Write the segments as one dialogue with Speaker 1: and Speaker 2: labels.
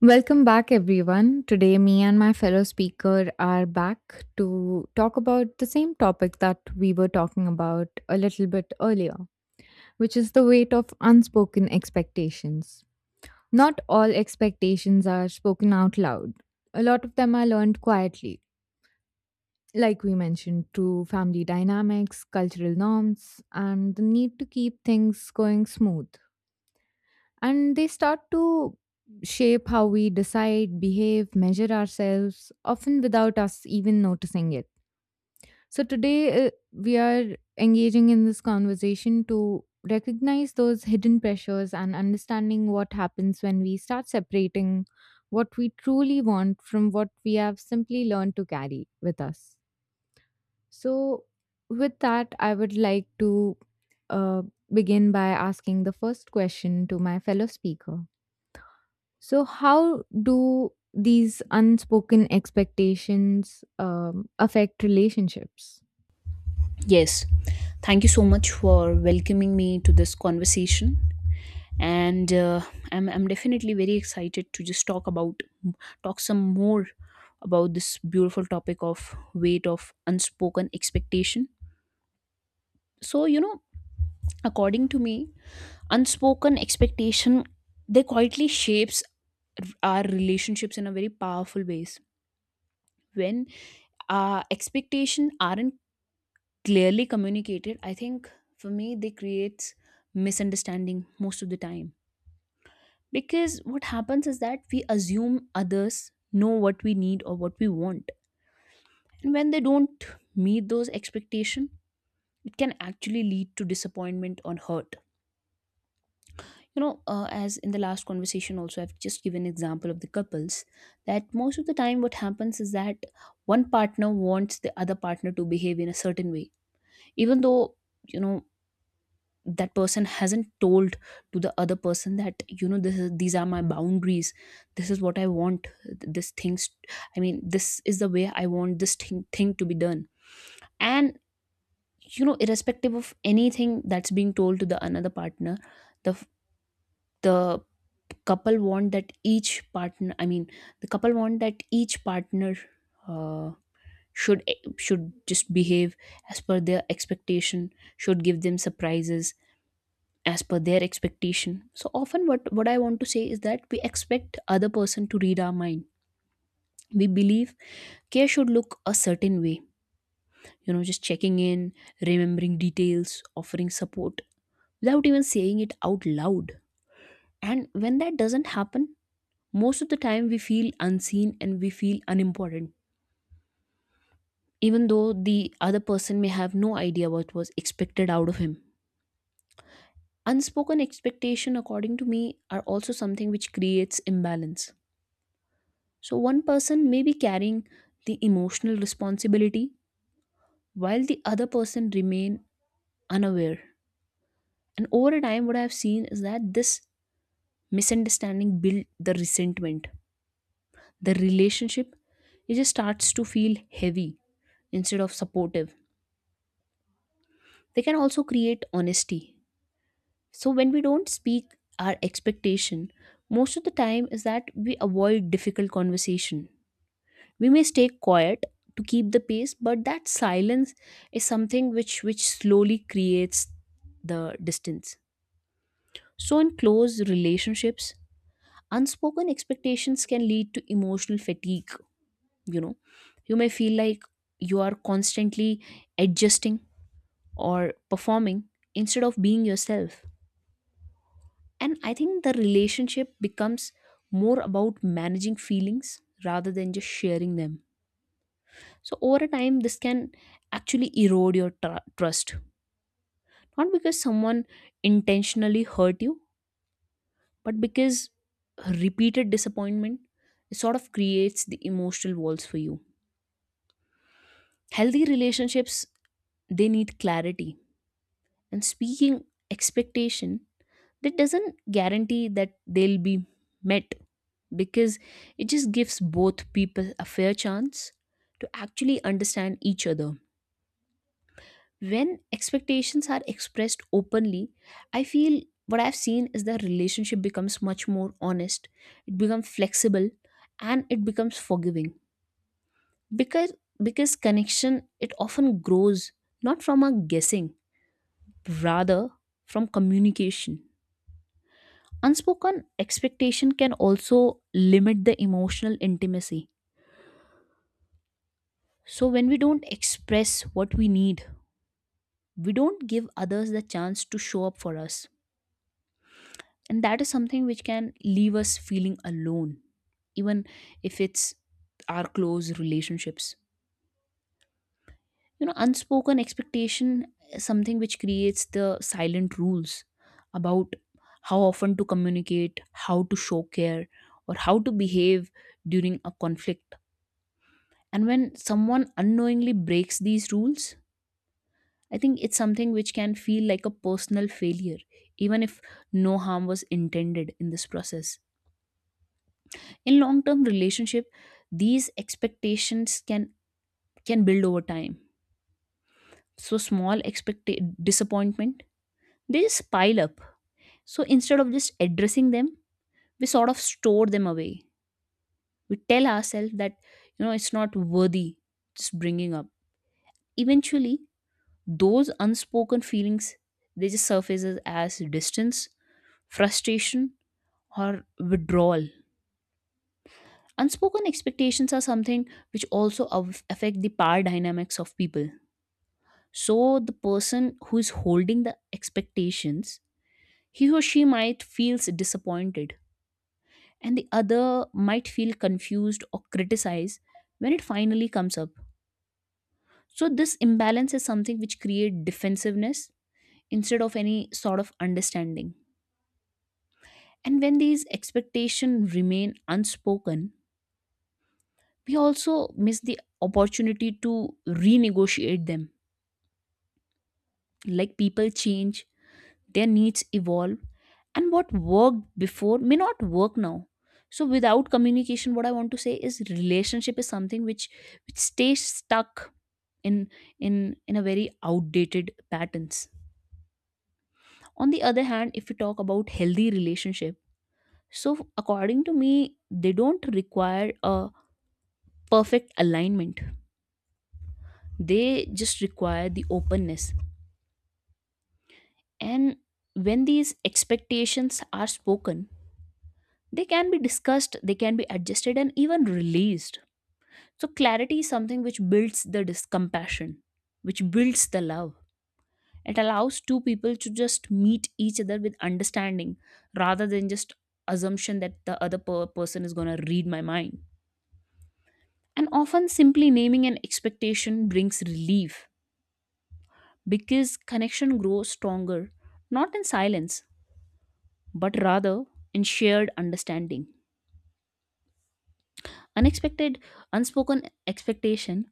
Speaker 1: Welcome back, everyone. Today, me and my fellow speaker are back to talk about the same topic that we were talking about a little bit earlier, which is the weight of unspoken expectations. Not all expectations are spoken out loud, a lot of them are learned quietly, like we mentioned, through family dynamics, cultural norms, and the need to keep things going smooth. And they start to shape how we decide, behave, measure ourselves, often without us even noticing it. So today, we are engaging in this conversation to recognize those hidden pressures and understanding what happens when we start separating what we truly want from what we have simply learned to carry with us. So, with that, I would like to uh, begin by asking the first question to my fellow speaker. So, how do these unspoken expectations affect relationships?
Speaker 2: Yes, thank you so much for welcoming me to this conversation. And I'm definitely very excited to just talk some more about this beautiful topic of weight of unspoken expectation. So, you know, according to me, unspoken expectation, they quietly shapes our relationships in a very powerful ways. When our expectation aren't clearly communicated, I think for me they creates misunderstanding most of the time. Because what happens is that we assume others know what we need or what we want. And when they don't meet those expectations, it can actually lead to disappointment or hurt. You know, as in the last conversation also, I've just given example of the couples that most of the time what happens is that one partner wants the other partner to behave in a certain way, even though you know that person hasn't told to the other person that you know this is these are my boundaries, this is what I want, this things I mean this is the way I want this thing to be done. And you know, irrespective of anything that's being told to the another partner, the the couple want that each partner, I mean the couple want that each partner uh, should should just behave as per their expectation, should give them surprises as per their expectation. So often what I want to say is that we expect other person to read our mind. We believe care should look a certain way, you know, just checking in, remembering details, offering support without even saying it out loud. And when that doesn't happen, most of the time we feel unseen and we feel unimportant, even though the other person may have no idea what was expected out of him. Unspoken expectation, according to me, are also something which creates imbalance. So one person may be carrying the emotional responsibility while the other person remain unaware. And over a time, what I have seen is that this misunderstanding build the resentment. The relationship, it just starts to feel heavy instead of supportive. They can also create honesty. So when we don't speak our expectation, most of the time is that we avoid difficult conversation. We may stay quiet to keep the pace, but that silence is something which slowly creates the distance. So in close relationships, unspoken expectations can lead to emotional fatigue, you know. You may feel like you are constantly adjusting or performing instead of being yourself. And I think the relationship becomes more about managing feelings rather than just sharing them. So over a time, this can actually erode your trust. Not because someone intentionally hurt you, but because repeated disappointment sort of creates the emotional walls for you. Healthy relationships, they need clarity. And speaking expectation, that doesn't guarantee that they'll be met, because it just gives both people a fair chance to actually understand each other. When expectations are expressed openly, I feel what I've seen is that relationship becomes much more honest, it becomes flexible, and it becomes forgiving. Because connection, it often grows not from a guessing, rather from communication. Unspoken expectation can also limit the emotional intimacy. So when we don't express what we need, we don't give others the chance to show up for us, and that is something which can leave us feeling alone, even if it's our close relationships. You know, unspoken expectation is something which creates the silent rules about how often to communicate, how to show care, or how to behave during a conflict. And when someone unknowingly breaks these rules, I think it's something which can feel like a personal failure, even if no harm was intended in this process. In long term relationship, these expectations can build over time. So small expect disappointment, they just pile up. So instead of just addressing them, we sort of store them away. We tell ourselves that, you know, it's not worthy just bringing up. Eventually those unspoken feelings, they just surfaces as distance, frustration, or withdrawal. Unspoken expectations are something which also affect the power dynamics of people. So the person who is holding the expectations, he or she might feels disappointed, and the other might feel confused or criticized when it finally comes up. So this imbalance is something which create defensiveness instead of any sort of understanding. And when these expectations remain unspoken, we also miss the opportunity to renegotiate them. Like, people change, their needs evolve, and what worked before may not work now. So without communication, what I want to say is relationship is something which which stays stuck in in in a very outdated patterns. On the other hand, if we talk about healthy relationship, so according to me, they don't require a perfect alignment, they just require the openness. And when these expectations are spoken, they can be discussed, they can be adjusted, and even released. So, clarity is something which builds the compassion, which builds the love. It allows two people to just meet each other with understanding rather than just assumption that the other person is going to read my mind. And often, simply naming an expectation brings relief because connection grows stronger not in silence, but rather in shared understanding. Unexpected, unspoken expectation,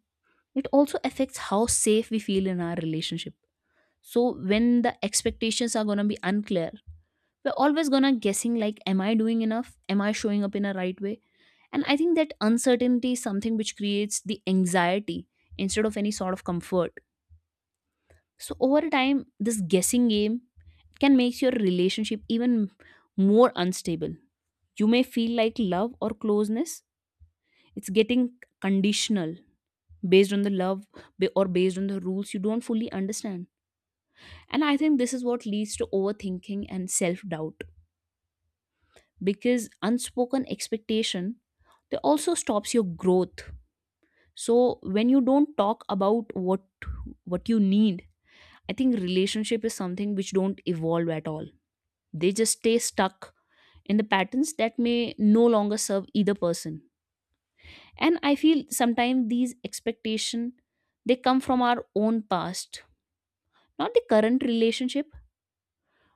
Speaker 2: it also affects how safe we feel in our relationship. So when the expectations are going to be unclear, we're always going to guessing, like am I doing enough, am I showing up in a right way. And I think that uncertainty is something which creates the anxiety instead of any sort of comfort. So over time, this guessing game can make your relationship even more unstable. You may feel like love or closeness, it's getting conditional based on the love, or based on the rules you don't fully understand. And I think this is what leads to overthinking and self doubt, because unspoken expectation, they also stops your growth. So when you don't talk about what you need, I think relationship is something which don't evolve at all. They just stay stuck in the patterns that may no longer serve either person. And I feel sometimes these expectation, they come from our own past, not the current relationship,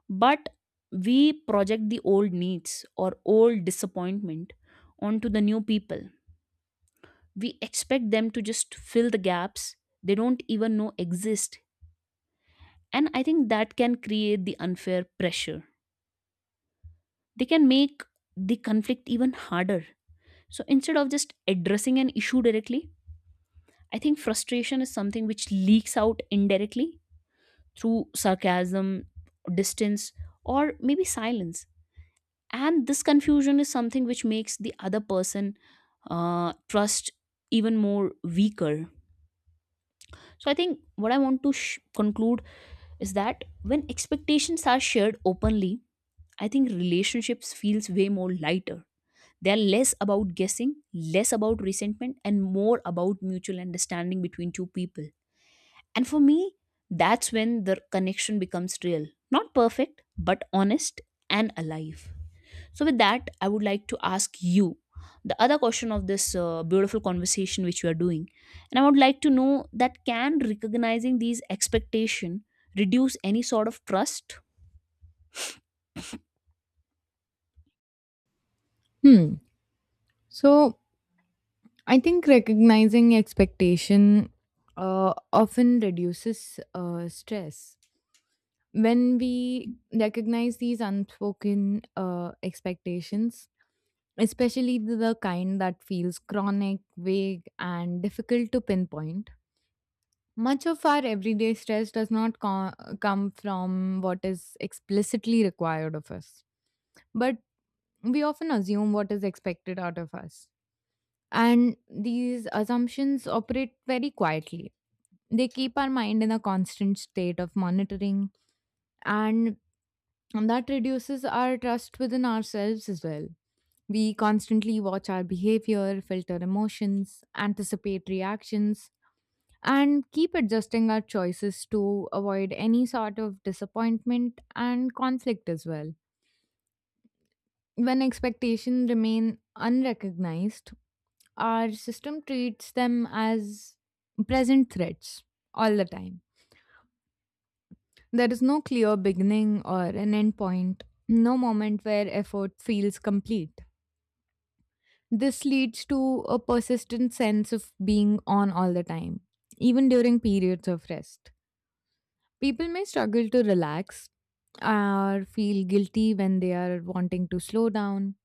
Speaker 2: but we project the old needs or old disappointment onto the new people. We expect them to just fill the gaps they don't even know exist. And I think that can create the unfair pressure. They can make the conflict even harder. So instead of just addressing an issue directly, I think frustration is something which leaks out indirectly through sarcasm, distance, or maybe silence. And this confusion is something which makes the other person, trust even more weaker. So I think what I want to conclude is that when expectations are shared openly, I think relationships feels way more lighter. They are less about guessing, less about resentment, and more about mutual understanding between two people. And for me, that's when the connection becomes real, not perfect, but honest and alive. So, with that, I would like to ask you the other question of this beautiful conversation which we are doing. And I would like to know that can recognizing these expectation reduce any sort of trust?
Speaker 1: Hmm. So I think recognizing expectation often reduces stress. When we recognize these unspoken expectations, especially the kind that feels chronic, vague, and difficult to pinpoint, much of our everyday stress does not co- come from what is explicitly required of us, but we often assume what is expected out of us. And these assumptions operate very quietly. They keep our mind in a constant state of monitoring, and that reduces our trust within ourselves as well. We constantly watch our behavior, filter emotions, anticipate reactions, and keep adjusting our choices to avoid any sort of disappointment and conflict as well. When expectations remain unrecognized, our system treats them as present threats all the time. There is no clear beginning or an end point, no moment where effort feels complete. This leads to a persistent sense of being on all the time, even during periods of rest. People may struggle to relax or feel guilty when they are wanting to slow down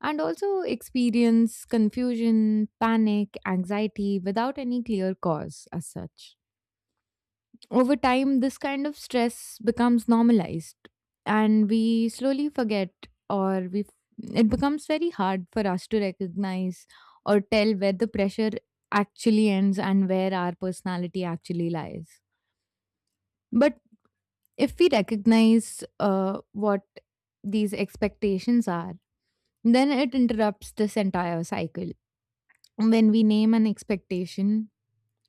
Speaker 1: and also experience confusion, panic, anxiety without any clear cause as such. Over time, this kind of stress becomes normalized and we slowly forget, or we it becomes very hard for us to recognize or tell where the pressure actually ends and where our personality actually lies. But if we recognize what these expectations are, then it interrupts this entire cycle. When we name an expectation,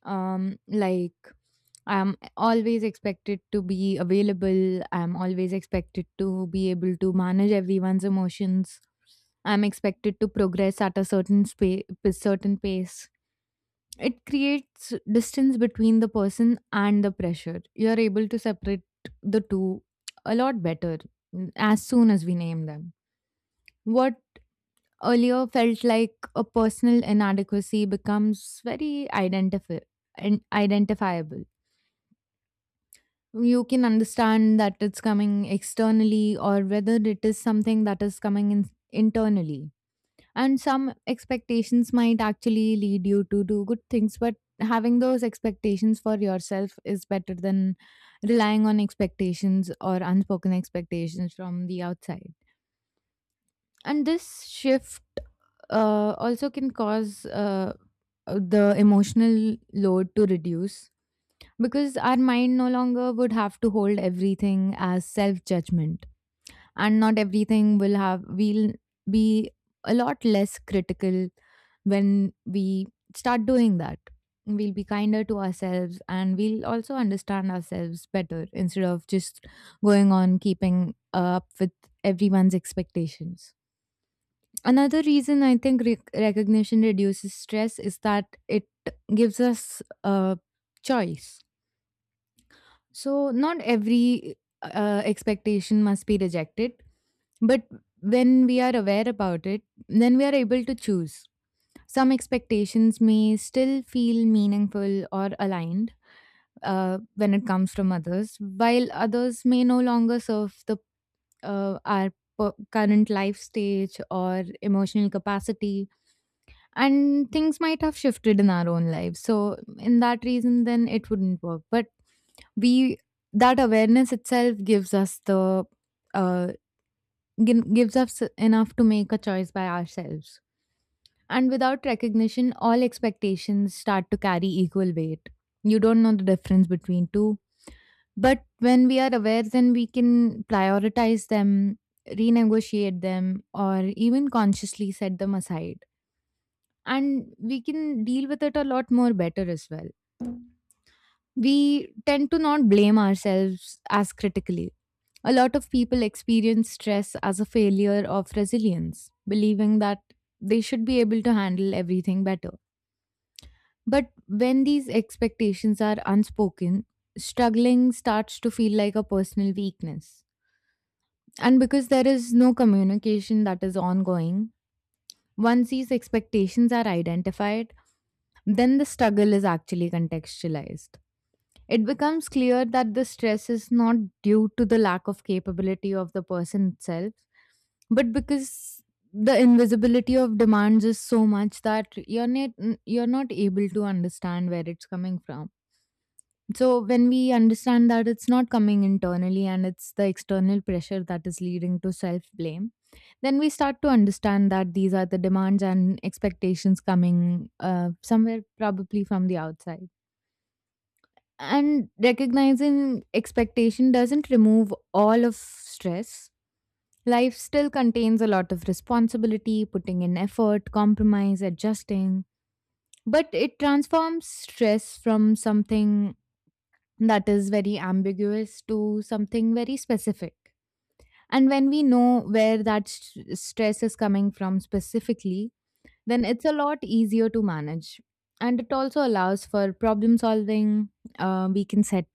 Speaker 1: like I'm always expected to be available, I'm always expected to be able to manage everyone's emotions, I'm expected to progress at a certain pace, it creates distance between the person and the pressure. You're able to separate the two a lot better as soon as we name them. What earlier felt like a personal inadequacy becomes and identifiable. You can understand that it's coming externally or whether it is something that is coming internally, and some expectations might actually lead you to do good things, but having those expectations for yourself is better than relying on expectations or unspoken expectations from the outside. And this shift also can cause the emotional load to reduce, because our mind no longer would have to hold everything as self judgment, and not everything will have we'll be a lot less critical when we start doing that. We'll be kinder to ourselves and we'll also understand ourselves better instead of just going on keeping up with everyone's expectations. Another reason I think recognition reduces stress is that it gives us a choice. So, not every expectation must be rejected, but when we are aware about it, then we are able to choose. Some expectations may still feel meaningful or aligned when it comes from others, while others may no longer serve uh, our current life stage or emotional capacity, and things might have shifted in our own lives so in that reason then it wouldn't work, but we that awareness itself gives us uh, gives us enough to make a choice by ourselves. And without recognition all expectations start to carry equal weight, you don't know the difference between two, but when we are aware then we can prioritize them, renegotiate them, or even consciously set them aside, and we can deal with it a lot more better as well. We tend to not blame ourselves as critically. A lot of people experience stress as a failure of resilience, believing that they should be able to handle everything better. But when these expectations are unspoken, struggling starts to feel like a personal weakness. And because there is no communication that is ongoing, once these expectations are identified, then the struggle is actually contextualized. It becomes clear that the stress is not due to the lack of capability of the person itself, but because the invisibility of demands is so much that you're not able to understand where it's coming from. So when we understand that it's not coming internally and it's the external pressure that is leading to self blame, then we start to understand that these are the demands and expectations coming somewhere probably from the outside. And recognizing expectation doesn't remove all of stress. Life still contains a lot of responsibility, putting in effort, compromise, adjusting. But it transforms stress from something that is very ambiguous to something very specific. And when we know where that stress is coming from specifically, then it's a lot easier to manage. And it also allows for problem solving. We can set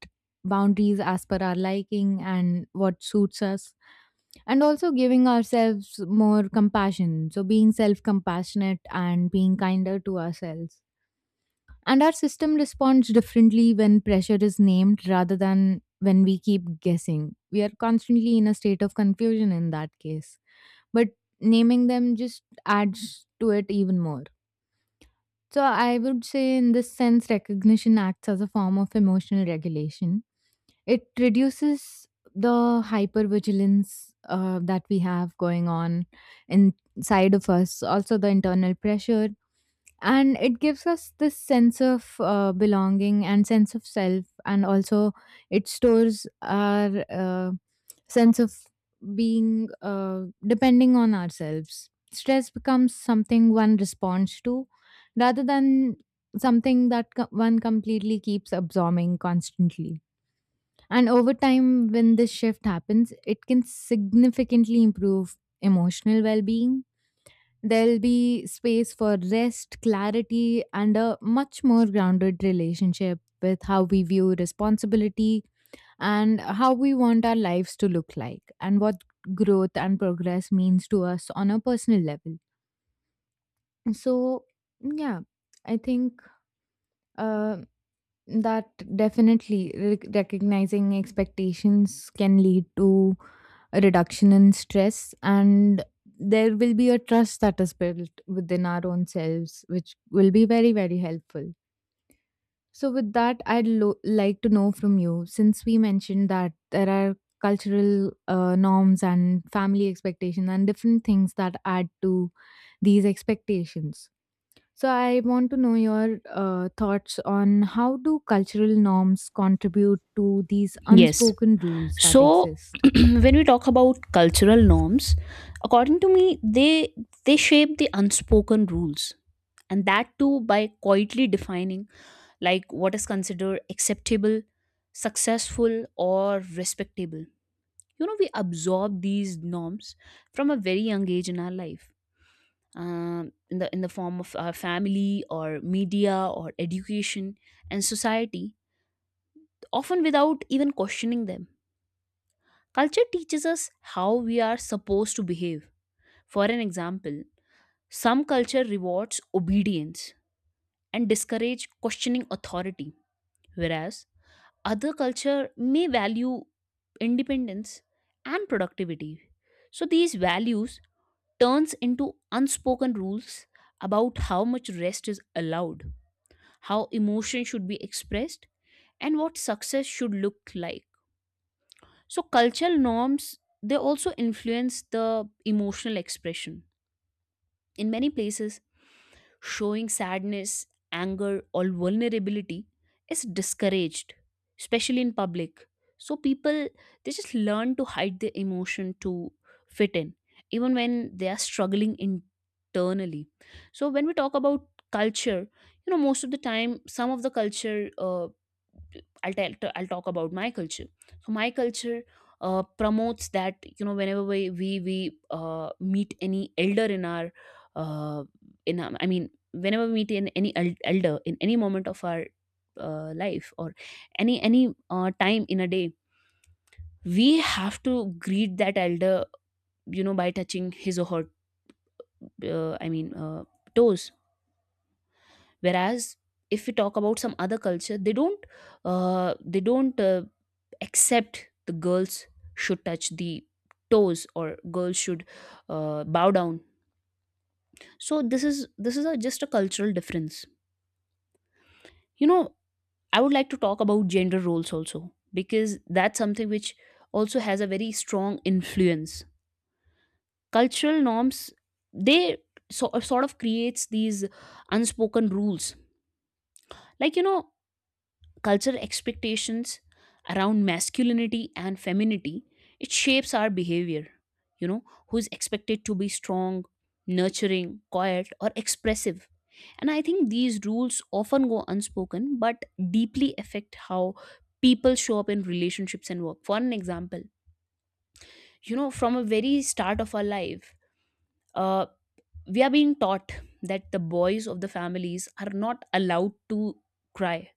Speaker 1: boundaries as per our liking and what suits us, and also giving ourselves more compassion. So, being self compassionate and being kinder to ourselves. And our system responds differently when pressure is named rather than when we keep guessing. We are constantly in a state of confusion in that case. But naming them just adds to it even more. So I would say, in this sense, recognition acts as a form of emotional regulation. It reduces the hypervigilance that we have going on inside of us, also the internal pressure, and it gives us this sense of belonging and sense of self, and also it stores our sense of being depending on ourselves. Stress becomes something one responds to rather than something that one completely keeps absorbing constantly, and over time when this shift happens it can significantly improve emotional well-being. There'll be space for rest, clarity, and a much more grounded relationship with how we view responsibility and how we want our lives to look like, and what growth and progress means to us on a personal level. So, yeah, I think. um that definitely recognizing expectations can lead to a reduction in stress, and there will be a trust that is built within our own selves, which will be very, very helpful. So, with that, like to know from you, since we mentioned that there are cultural norms and family expectations and different things that add to these expectations. So I want to know your thoughts on how do cultural norms contribute to these
Speaker 2: Yes.
Speaker 1: unspoken rules that
Speaker 2: So,
Speaker 1: exist?
Speaker 2: when we talk about cultural norms, according to me, they shape the unspoken rules, and that too by quietly defining like what is considered acceptable, successful, or respectable. You know, we absorb these norms from a very young age in our life, in the form of our family, or media, or education, and society, often without even questioning them. Culture teaches us how we are supposed to behave. For an example, some culture rewards obedience and discourage questioning authority, whereas other culture may value independence and productivity. So these values turns into unspoken rules about how much rest is allowed, how emotion should be expressed, and what success should look like. So, cultural norms, they also influence the emotional expression. In many places, showing sadness, anger, or vulnerability is discouraged, especially in public. So people, they just learn to hide their emotion to fit in, even when they are struggling internally. So when we talk about culture, you know, most of the time, some of the culture I'll talk about my culture. So my culture promotes that, you know, whenever we meet any elder in our uh, in our, I mean whenever we meet in elder in any moment of our life or any time in a day, we have to greet that elder, you know, by touching his or her uh, i mean uh, toes. Whereas if we talk about some other culture, they don't, uh, they don't uh, accept the girls should touch the toes, or girls should bow down. So this is a, just a cultural difference, you know. I would like to talk about gender roles also, because that's something which also has a very strong influence. Cultural norms, they sort of creates these unspoken rules. Like, you know, cultural expectations around masculinity and femininity, it shapes our behavior, you know, who is expected to be strong, nurturing, quiet or expressive. And I think these rules often go unspoken but deeply affect how people show up in relationships and work. For an example, you know, from a very start of our life, uh, we are being taught that the boys of the families are not allowed to cry,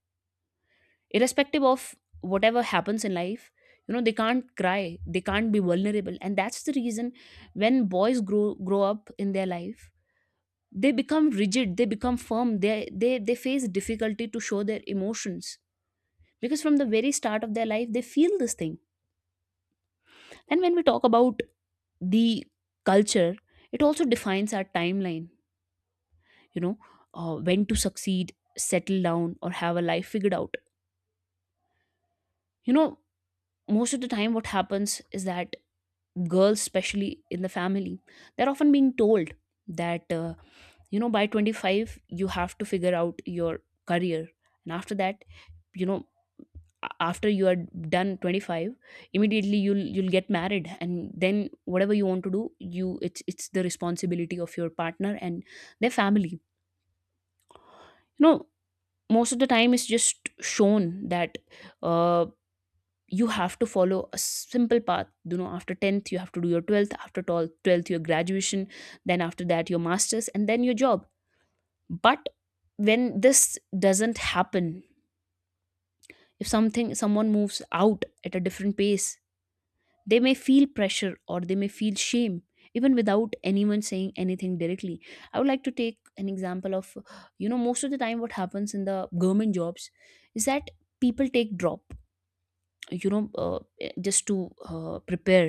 Speaker 2: irrespective of whatever happens in life. You know, they can't cry, they can't be vulnerable, and that's the reason when boys grow up in their life, they become rigid, they become firm, they face difficulty to show their emotions, because from the very start of their life they feel this thing. And when we talk about the culture, it also defines our timeline, you know, when to succeed, settle down, or have a life figured out. You know, most of the time what happens is that girls, especially in the family, they're often being told that, you know, by 25 you have to figure out your career. And after that, you know, after you are done 25, immediately you'll get married, and then whatever you want to do, you, it's the responsibility of your partner and their family, you know. Most of the time it's just shown that, uh, you have to follow a simple path, you know, after 10th you have to do your 12th, after 12th your graduation, then after that your masters and then your job. But when this doesn't happen, if something someone moves out at a different pace, they may feel pressure or they may feel shame, even without anyone saying anything directly. I would like to take an example of, you know, most of the time what happens in the government jobs is that people take drop, you know, just to prepare,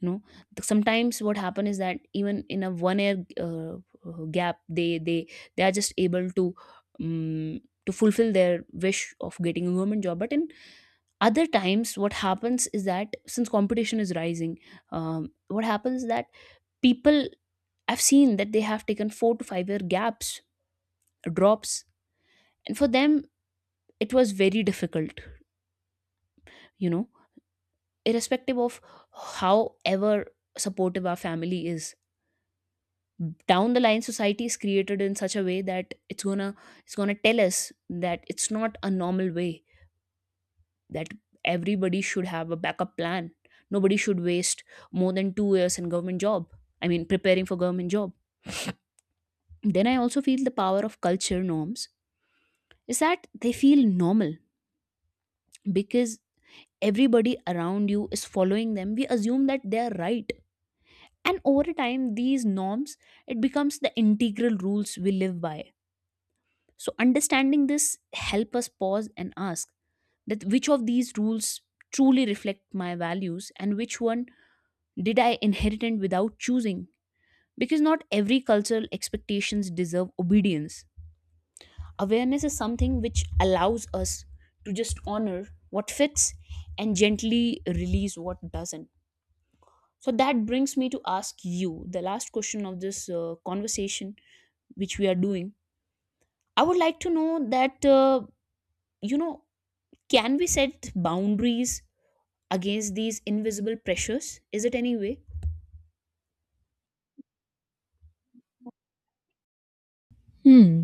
Speaker 2: you know. Sometimes what happen is that even in a 1 year gap, they are just able to, um, to fulfill their wish of getting a government job. But in other times what happens is that, since competition is rising, what happens is that people, I've seen that they have taken 4 to 5 year gaps, drops, and for them it was very difficult, you know. Irrespective of however supportive our family is, down the line society is created in such a way that it's gonna, it's gonna tell us that it's not a normal way, that everybody should have a backup plan, nobody should waste more than 2 years in government job, I mean preparing for government job. Then I also feel the power of culture norms is that they feel normal, because everybody around you is following them, we assume that they are right. And over time these norms, it becomes the integral rules we live by. So understanding this help us pause and ask that which of these rules truly reflect my values, and which one did I inherit and without choosing, because not every cultural expectations deserve obedience. Awareness is something which allows us to just honor what fits and gently release what doesn't. So that brings me to ask you the last question of this conversation which we are doing. I would like to know that, you know, can we set boundaries against these invisible pressures? Is it any way?
Speaker 1: Hmm.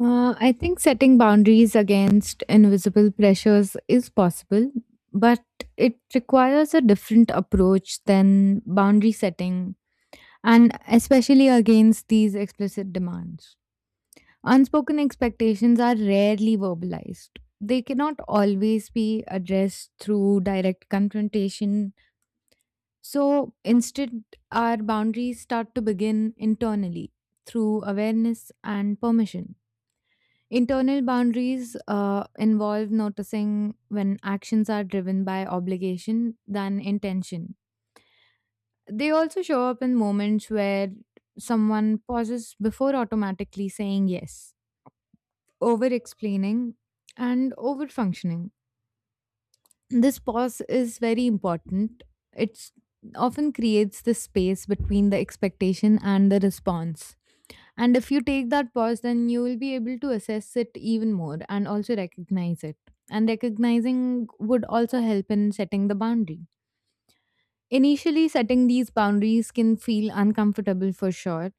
Speaker 1: I think setting boundaries against invisible pressures is possible, but it requires a different approach than boundary setting, and especially against these explicit demands. Unspoken expectations are rarely verbalized. They cannot always be addressed through direct confrontation. So instead, our boundaries start to begin internally through awareness and permission. Internal boundaries involve noticing when actions are driven by obligation than intention. They also show up in moments where someone pauses before automatically saying yes, over explaining, and over functioning. This pause is very important. It often creates the space between the expectation and the response. And if you take that pause, then you will be able to assess it even more and also recognize it. And recognizing would also help in setting the boundary. Initially, setting these boundaries can feel uncomfortable for sure,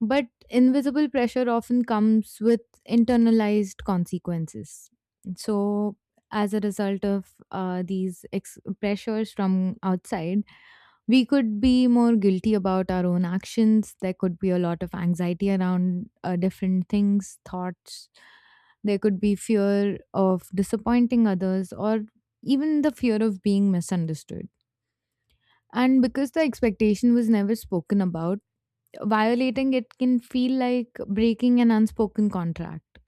Speaker 1: but invisible pressure often comes with internalized consequences. So, as a result of pressures from outside, we could be more guilty about our own actions. There could be a lot of anxiety around different things, thoughts. There could be fear of disappointing others or even the fear of being misunderstood. And because the expectation was never spoken about, violating it can feel like breaking an unspoken contract.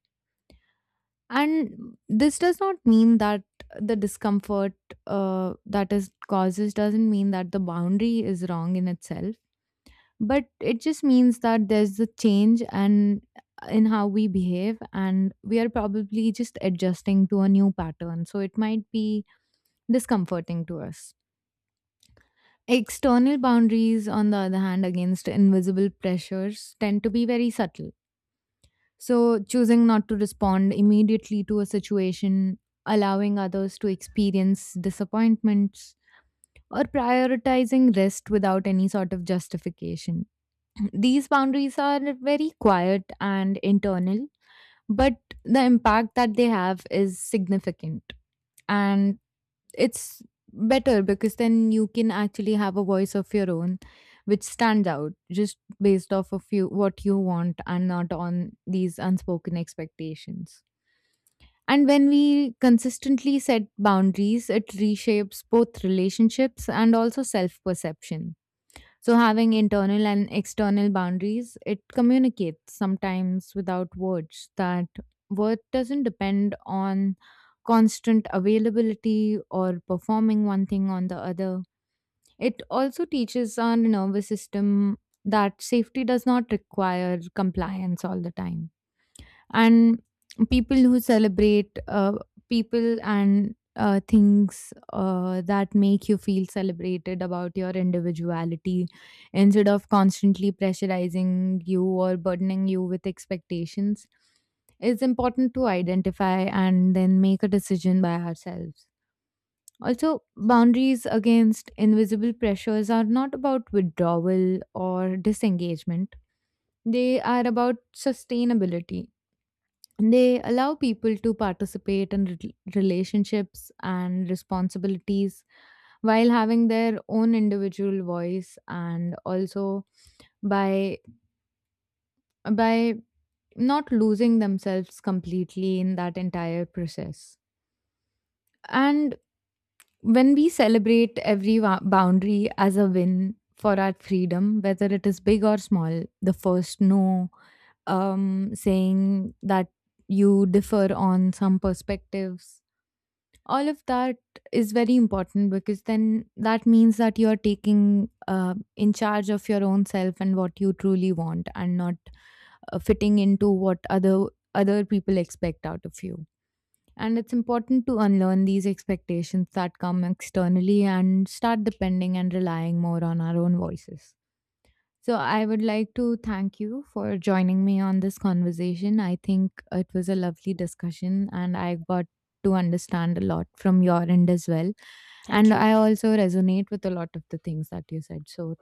Speaker 1: And this does not mean that the discomfort that is causes doesn't mean that the boundary is wrong in itself, but it just means that there's a change, and in how we behave, and we are probably just adjusting to a new pattern. So it might be discomforting to us. External boundaries, on the other hand, against invisible pressures tend to be very subtle. So, choosing not to respond immediately to a situation, allowing others to experience disappointments, or prioritizing rest without any sort of justification. These boundaries are very quiet and internal, but the impact that they have is significant. And it's better because then you can actually have a voice of your own which stands out just based off of you what you want and not on these unspoken expectations. And when we consistently set boundaries, it reshapes both relationships and also self perception. So, having internal and external boundaries, it communicates sometimes without words that worth doesn't depend on constant availability or performing one thing on the other. It also teaches our nervous system that safety does not require compliance all the time, and people who celebrate people and things that make you feel celebrated about your individuality instead of constantly pressurizing you or burdening you with expectations. It's important to identify and then make a decision by ourselves. Also boundaries against invisible pressures are not about withdrawal or disengagement, they are about sustainability. They allow people to participate in relationships and responsibilities while having their own individual voice, and also by by not losing themselves completely in that entire process. And when we celebrate every boundary as a win for our freedom, whether it is big or small, the first no, saying that you differ on some perspectives, all of that is very important, because then that means that you are taking in charge of your own self and what you truly want, and not fitting into what other people expect out of you. And it's important to unlearn these expectations that come externally and start depending and relying more on our own voices. So, I would like to thank you for joining me on this conversation. I think it was a lovely discussion, and I got to understand a lot from your end as well.
Speaker 2: Thank
Speaker 1: And
Speaker 2: you.
Speaker 1: I also resonate with a lot of the things that you said. So,